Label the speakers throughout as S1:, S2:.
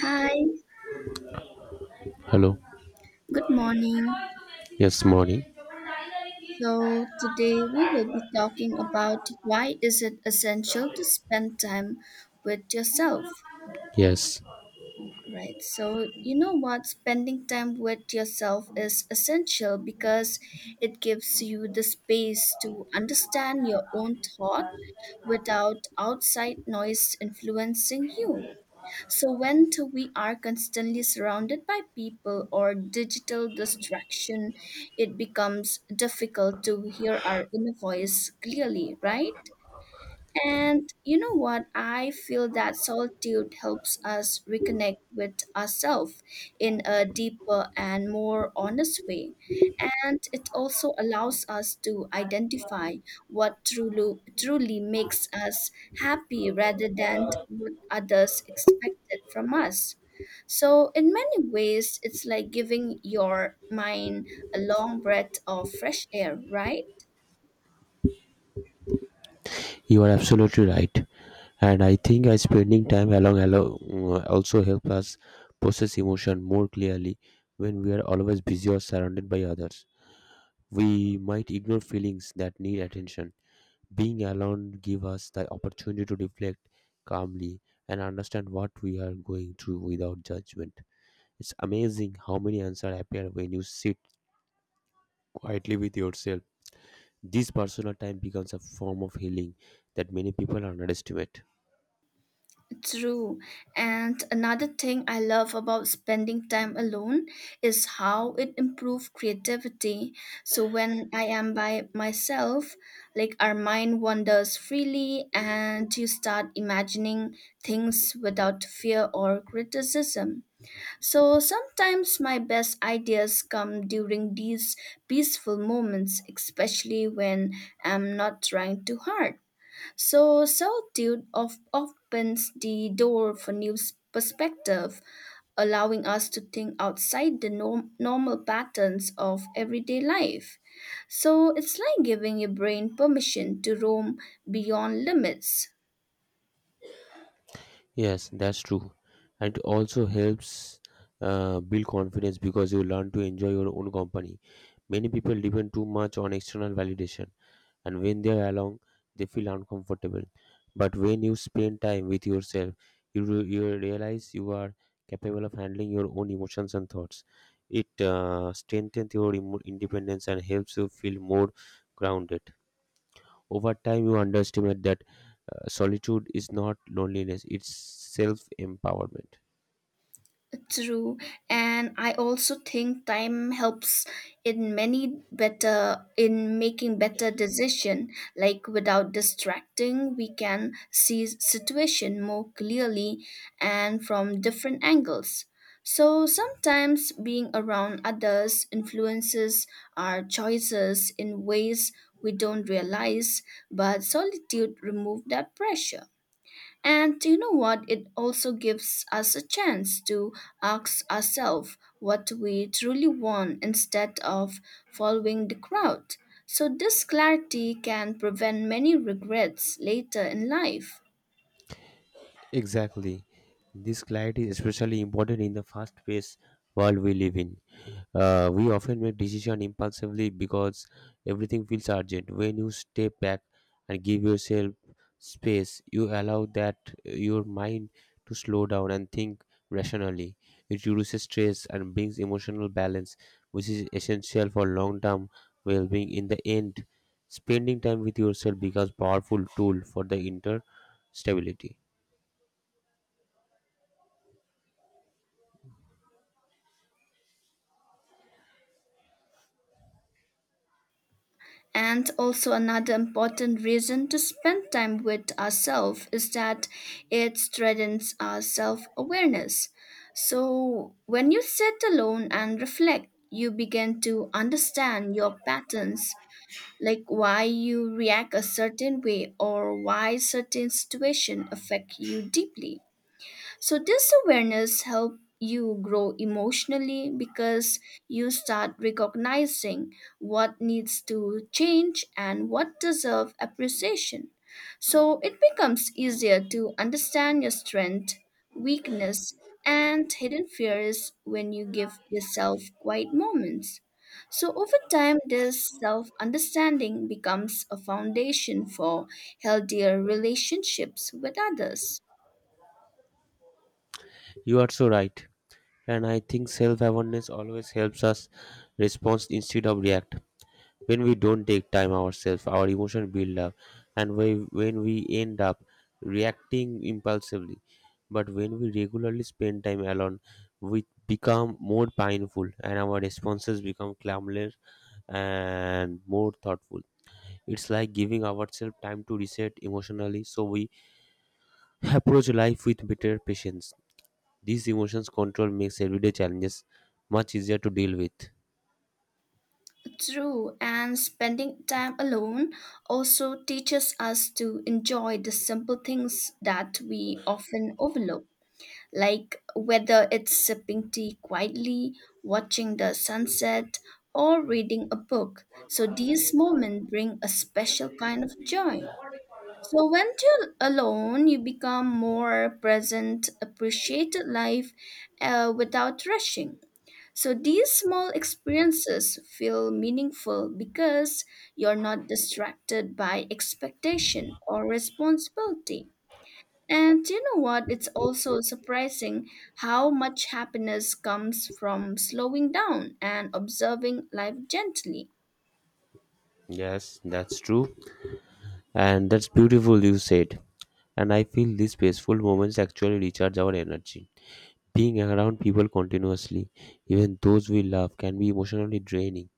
S1: Hi,
S2: Hello.
S1: good morning.
S2: Yes, morning.
S1: So today we will be talking about why is it essential to spend time with yourself,
S2: Yes,
S1: right? So you know what, spending time with yourself is essential because it gives you the space to understand your own thought without outside noise influencing you. So, we are constantly surrounded by people or digital distraction, it becomes difficult to hear our inner voice clearly, right? And you know what? I feel that solitude helps us reconnect with ourselves in a deeper and more honest way. And it also allows us to identify what truly makes us happy rather than what others expected from us. So, in many ways, it's like giving your mind a long breath of fresh air, right?
S2: you are absolutely right. And I think I spending time along, also help us process emotion more clearly when we are always busy or surrounded by others. We might ignore feelings that need attention. Being alone gives us the opportunity to reflect calmly and understand what we are going through without judgment. It's amazing how many answers appear when you sit quietly with yourself. This personal time becomes a form of healing that many people underestimate.
S1: True. And another thing I love about spending time alone is how it improves creativity. So when I am by myself, like our mind wanders freely and you start imagining things without fear or criticism. So sometimes my best ideas come during these peaceful moments, especially when I'm not trying too hard. So solitude of opens the door for perspective, allowing us to think outside the normal patterns of everyday life. So it's like giving your brain permission to roam beyond limits.
S2: Yes, that's true. And it also helps, build confidence because you learn to enjoy your own company. Many people depend too much on external validation, and when they are alone, they feel uncomfortable. But when you spend time with yourself, you realize you are capable of handling your own emotions and thoughts. It strengthens your independence and helps you feel more grounded. Over time, you underestimate that, solitude is not loneliness, it's self empowerment.
S1: True, and I also think time helps in many better in making better decision. Like without distracting, we can see situation more clearly and from different angles. So sometimes being around others influences our choices in ways we don't realize, but solitude removes that pressure. And do you know what? It also gives us a chance to ask ourselves what we truly want instead of following the crowd. So, this clarity can prevent many regrets later in life.
S2: Exactly. This clarity is especially important in the fast-paced world we live in. We often make decisions impulsively because everything feels urgent. When you step back and give yourself space, you allow that, your mind to slow down and think rationally. It reduces stress and brings emotional balance, which is essential for long-term well-being. In the end, spending time with yourself becomes powerful tool for the inner stability.
S1: And also, another important reason to spend time with ourselves is that it strengthens our self awareness. So, when you sit alone and reflect, you begin to understand your patterns like why you react a certain way or why certain situation affect you deeply so this awareness helps you grow emotionally because you start recognizing what needs to change and what deserve appreciation. So it becomes easier to understand your strength, weakness, and hidden fears when you give yourself quiet moments. So over time this self-understanding becomes a foundation for healthier relationships with others.
S2: You are so right. And I think self awareness always helps us respond instead of react. When we don't take time ourselves, our emotions build up, and when we end up reacting impulsively. But when we regularly spend time alone, we become more painful, and our responses become calmer and more thoughtful. It's like giving ourselves time to reset emotionally, so we approach life with better patience. These emotions control makes everyday challenges much easier to deal with.
S1: True, and spending time alone also teaches us to enjoy the simple things that we often overlook, like whether it's sipping tea quietly, watching the sunset, or reading a book. So these moments bring a special kind of joy. So when you're alone, you become more present, appreciated life without rushing. So these small experiences feel meaningful because you're not distracted by expectation or responsibility. And you know what? It's also surprising how much happiness comes from slowing down and observing life gently.
S2: Yes, that's true. And that's beautiful you said. And I feel these peaceful moments actually recharge our energy. Being around people continuously, even those we love, can be emotionally draining.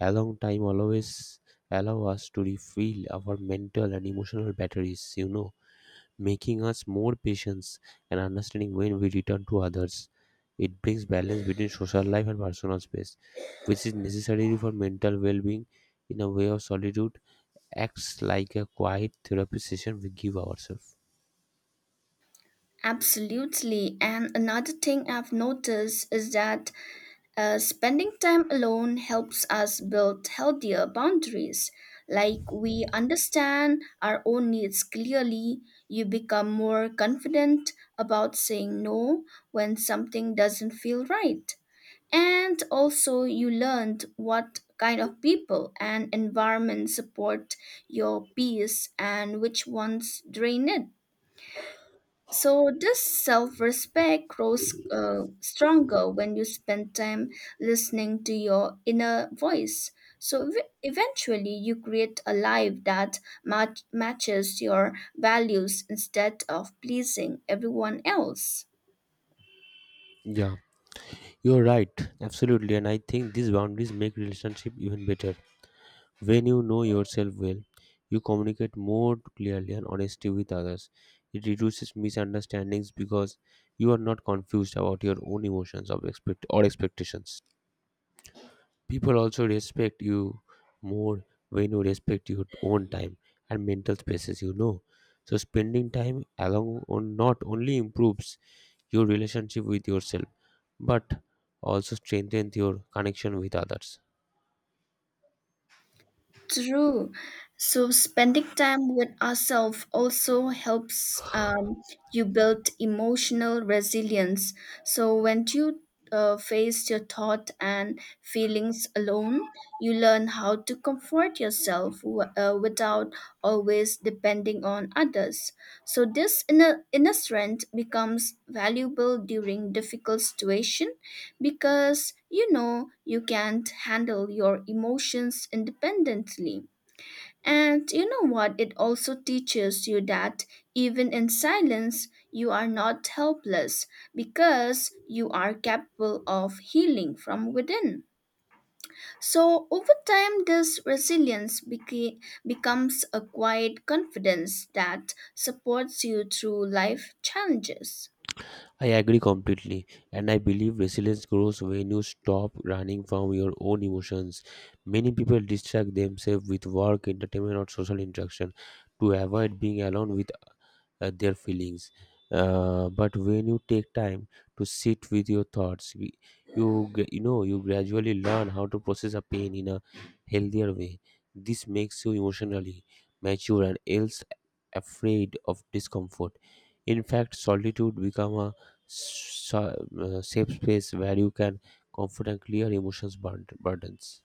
S2: A long time always allow us to refill our mental and emotional batteries, you know, making us more patient and understanding when we return to others. It brings balance between social life and personal space, which is necessary for mental well being. In a way of solitude, acts like a quiet therapy session we give ourselves.
S1: Absolutely. And another thing I've noticed is that spending time alone helps us build healthier boundaries. Like we understand our own needs clearly, you become more confident about saying no when something doesn't feel right. And also, you learned what kind of people and environment support your peace and which ones drain it. So this self-respect grows stronger when you spend time listening to your inner voice. So eventually, you create a life that matches your values instead of pleasing everyone else.
S2: Yeah, you're right, absolutely, and I think these boundaries make relationship even better. When you know yourself well, you communicate more clearly and honestly with others. It reduces misunderstandings because you are not confused about your own emotions of expect- or expectations. People also respect you more when you respect your own time and mental spaces, you know. So, spending time along on not only improves your relationship with yourself but also strengthens your connection with others.
S1: True. So spending time with ourselves also helps you build emotional resilience. So when you face your thought and feelings alone, you learn how to comfort yourself without always depending on others. So this inner strength becomes valuable during difficult situations because you know you can't handle your emotions independently. And you know what? It also teaches you that even in silence, you are not helpless because you are capable of healing from within. So, over time, this resilience becomes a quiet confidence that supports you through life challenges.
S2: I agree completely, and I believe resilience grows when you stop running from your own emotions. Many people distract themselves with work, entertainment, or social interaction to avoid being alone with, their feelings. But when you take time to sit with your thoughts, you know you gradually learn how to process a pain in a healthier way. This makes you emotionally mature and else afraid of discomfort. In fact, solitude become a safe space where you can comfort and clear burdens.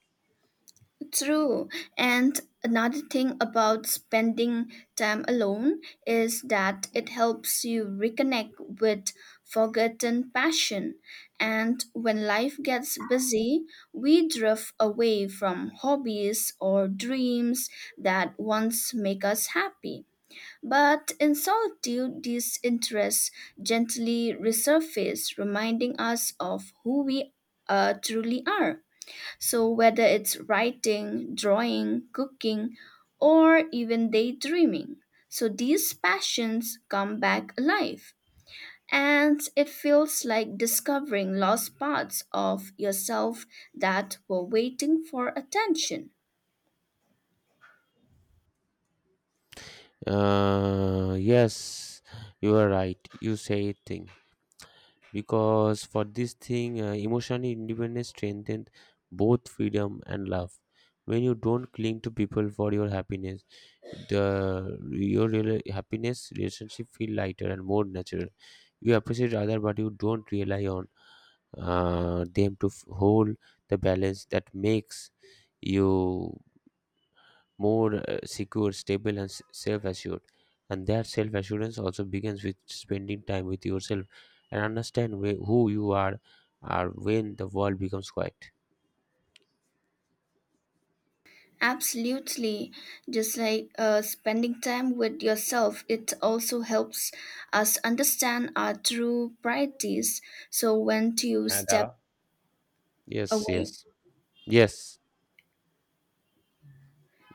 S1: True. And another thing about spending time alone is that it helps you reconnect with forgotten passion. And when life gets busy, we drift away from hobbies or dreams that once make us happy. But in solitude, these interests gently resurface, reminding us of who we truly are. So, whether it's writing, drawing, cooking, or even daydreaming, so these passions come back alive. And it feels like discovering lost parts of yourself that were waiting for attention.
S2: Yes, you are right. You say it thing, because for this thing, emotional independence strengthens both freedom and love. When you don't cling to people for your happiness, the your real happiness relationship feel lighter and more natural. You appreciate other but you don't rely on, them to hold the balance that makes you more, secure, stable, and self assured. And that self assurance also begins with spending time with yourself and understand who you are when the world becomes quiet.
S1: Absolutely. Just like spending time with yourself, it also helps us understand our true priorities. So, when to
S2: Huh,
S1: step
S2: Dara? Yes,
S1: away.
S2: yes, yes,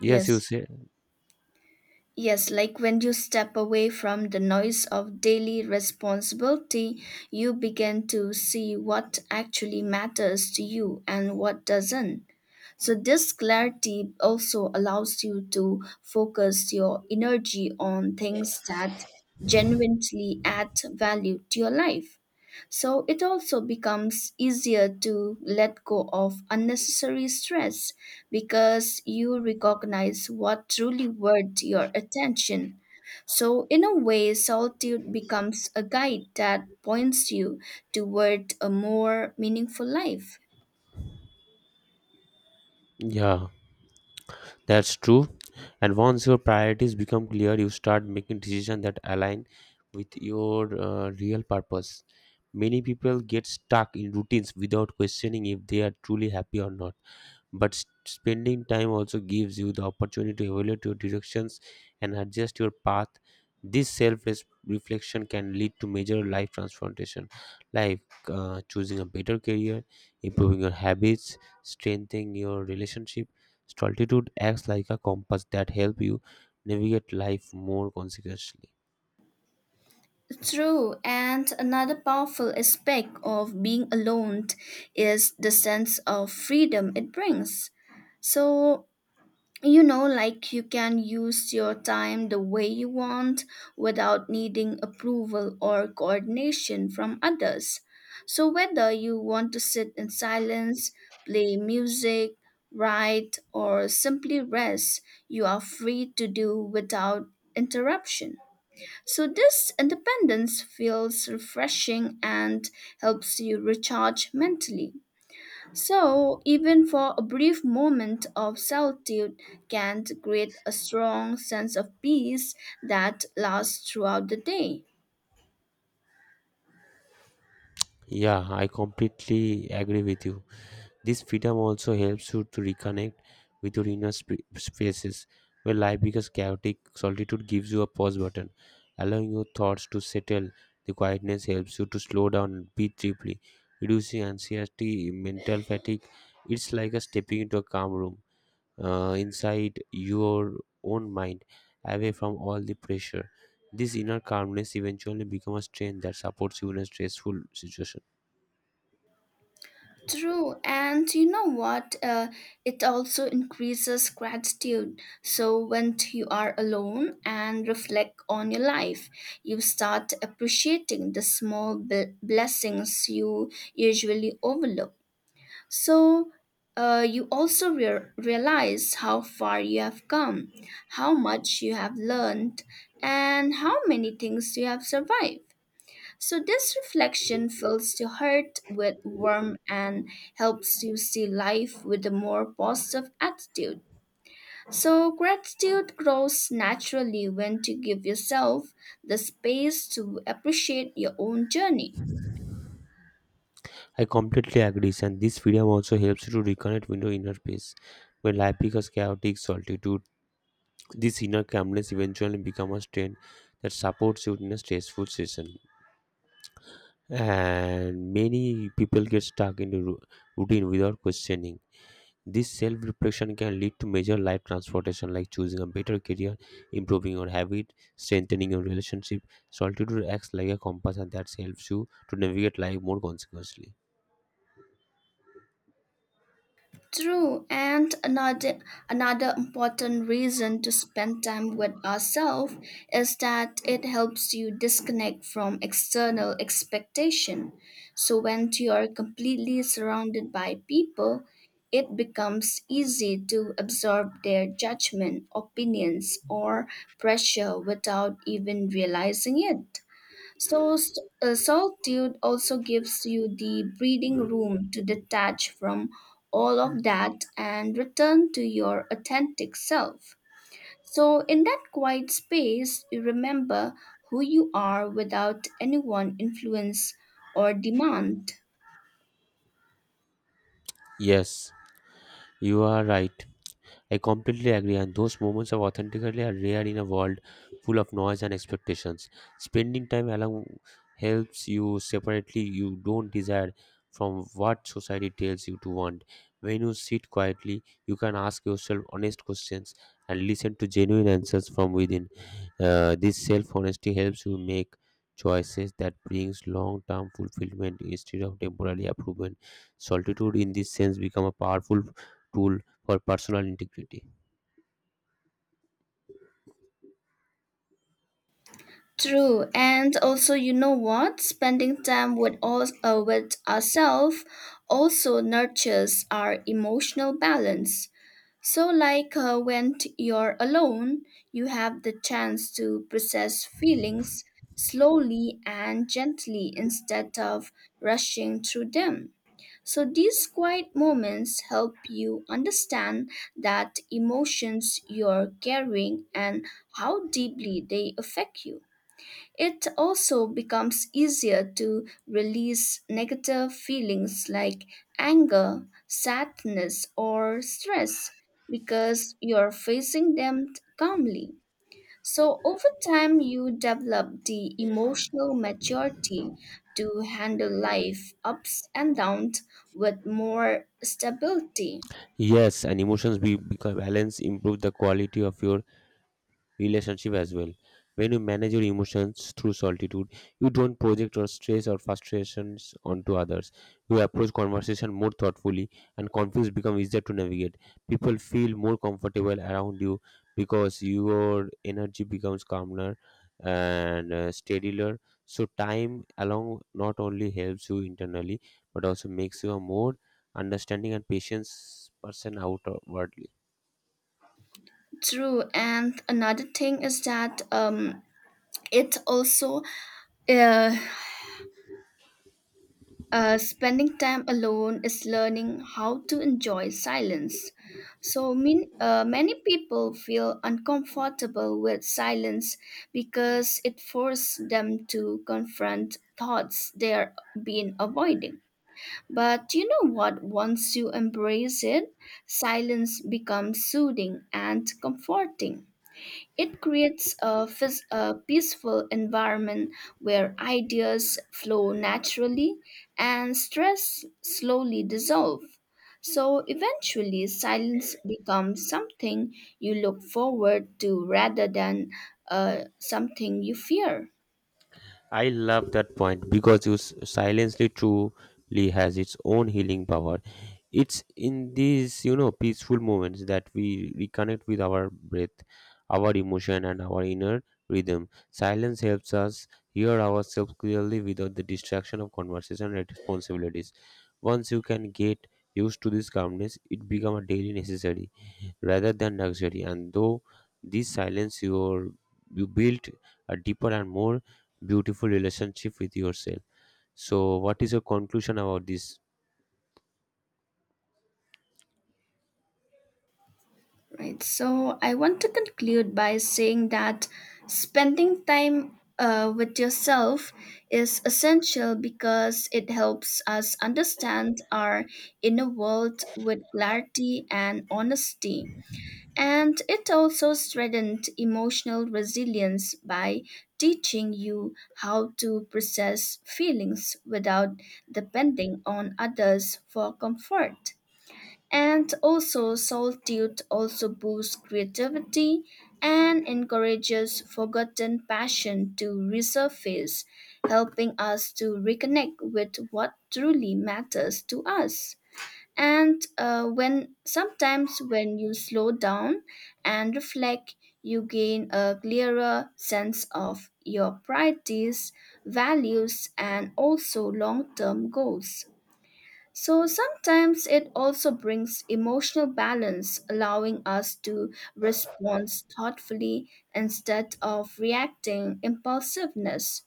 S2: yes, you
S1: Yes.
S2: say,
S1: Yes, like when you step away from the noise of daily responsibility, you begin to see what actually matters to you and what doesn't. So, this clarity also allows you to focus your energy on things that genuinely add value to your life. So it also becomes easier to let go of unnecessary stress because you recognize what truly worth your attention. So, in a way, solitude becomes a guide that points you toward a more meaningful life.
S2: yeah, that's true. And once your priorities become clear, you start making decisions that align with your, real purpose. Many people get stuck in routines without questioning if they are truly happy or not. But spending time also gives you the opportunity to evaluate your directions and adjust your path. This self reflection can lead to major life transformation, like, choosing a better career, improving your habits, strengthening your relationship. Solitude acts like a compass that help you navigate life more consequently.
S1: True, and another powerful aspect of being alone is the sense of freedom it brings. So, you know like you can use your time the way you want without needing approval or coordination from others so whether you want to sit in silence play music write or simply rest you are free to do without interruption so this independence feels refreshing and helps you recharge mentally so, even for a brief moment of solitude can create a strong sense of peace that lasts throughout the day.
S2: Yeah, I completely agree with you. This freedom also helps you to reconnect with your inner spaces, where life becomes chaotic. Solitude gives you a pause button, allowing your thoughts to settle. The quietness helps you to slow down and breathe deeply, reducing anxiety, mental fatigue. It's like a stepping into a calm room, inside your own mind, away from all the pressure. This inner calmness eventually becomes a strength that supports you in a stressful situation.
S1: True, and you know what? It also increases gratitude. So, when you are alone and reflect on your life, you start appreciating the small blessings you usually overlook. So you also realize how far you have come, how much you have learned, and how many things you have survived. So this reflection fills your heart with warmth and helps you see life with a more positive attitude. So gratitude grows naturally when you give yourself the space to appreciate your own journey.
S2: I completely agree, and this freedom also helps you to reconnect with your inner peace. When life becomes chaotic solitude, this inner calmness eventually becomes a strength that supports you in a stressful season. And many people get stuck in the routine without questioning. This self reflection can lead to major life transformation like choosing a better career, improving your habit, strengthening your relationship. Solitude acts like a compass and that helps you to navigate life more consequently.
S1: True, and another important reason to spend time with ourselves is that it helps you disconnect from external expectation. So when you are completely surrounded by people, it becomes easy to absorb their judgment, opinions, or pressure without even realizing it. So, solitude also gives you the breathing room to detach from all of that and return to your authentic self. So, in that quiet space, you remember who you are without anyone influence or demand.
S2: Yes. You are right. I completely agree, and those moments of authentically are rare in a world full of noise and expectations. Spending time alone helps you separately you don't desire from what society tells you to want. When you sit quietly, you can ask yourself honest questions and listen to genuine answers from within. This self honesty helps you make choices that brings long term fulfillment instead of temporary approval. Solitude, in this sense, become a powerful tool for personal integrity.
S1: True, and also you know what? Spending time with all with ourselves also nurtures our emotional balance. So, like when you're alone, you have the chance to process feelings slowly and gently instead of rushing through them. So, these quiet moments help you understand that emotions you're carrying and how deeply they affect you. It also becomes easier to release negative feelings like anger, sadness, or stress because you're facing them calmly. So, over time, you develop the emotional maturity to handle life ups and downs with more stability.
S2: Yes, and become balance improve the quality of your relationship as well. When you manage your emotions through solitude, you don't project your stress or frustrations onto others. You approach conversation more thoughtfully, and conflicts become easier to navigate. People feel more comfortable around you because your energy becomes calmer and, steadier. So, time along not only helps you internally but also makes you a more understanding and patient person outwardly.
S1: True, and another thing is that it also uh, spending time alone is learning how to enjoy silence. So, many people feel uncomfortable with silence because it forces them to confront thoughts they're been avoiding. But you know what? Once you embrace it, silence becomes soothing and comforting. It creates a, a peaceful environment where ideas flow naturally and stress slowly dissolve. So eventually, silence becomes something you look forward to rather than something you fear.
S2: I love that point because you silently truly has its own healing power. It's in these, you know, peaceful moments that we reconnect with our breath, our emotion, and our inner rhythm. Silence helps us hear ourselves clearly without the distraction of conversation and responsibilities. Once you can get used to this calmness, it becomes a daily necessity rather than luxury. And though this silence your you built a deeper and more beautiful relationship with yourself. So what is your conclusion about this?
S1: Right. So I want to conclude by saying that spending time with yourself is essential because it helps us understand our inner world with clarity and honesty. And it also strengthens emotional resilience by teaching you how to process feelings without depending on others for comfort and also solitude also boosts creativity and encourages forgotten passion to resurface helping us to reconnect with what truly matters to us and when sometimes when you slow down and reflect you gain a clearer sense of your priorities values and also long-term goals so sometimes it also brings emotional balance, allowing us to respond thoughtfully instead of reacting impulsiveness.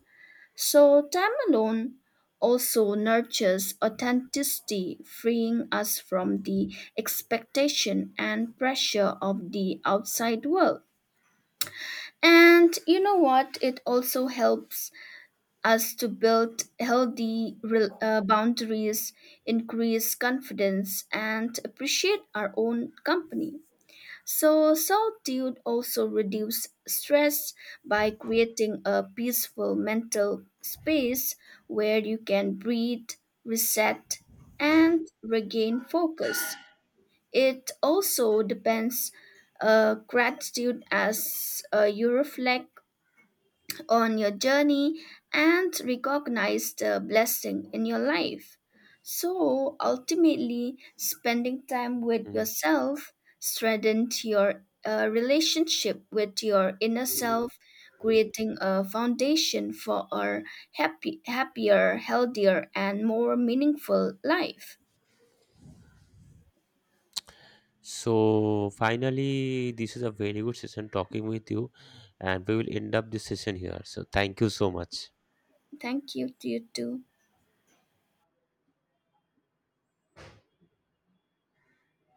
S1: So time alone also nurtures authenticity, freeing us from the expectation and pressure of the outside world. And you know what? It also helps us to build healthy boundaries, increase confidence, and appreciate our own company. So, solitude also reduces stress by creating a peaceful mental space where you can breathe, reset, and regain focus. It also depends gratitude as you reflect on your journey and recognize the blessing in your life. So ultimately, spending time with
S2: Mm.
S1: yourself strengthens your relationship with your inner self, creating a foundation for a happier, healthier, and more meaningful life.
S2: So finally this is a very good session talking with you and we will end up this session here. So thank you so much.
S1: Thank you to you too.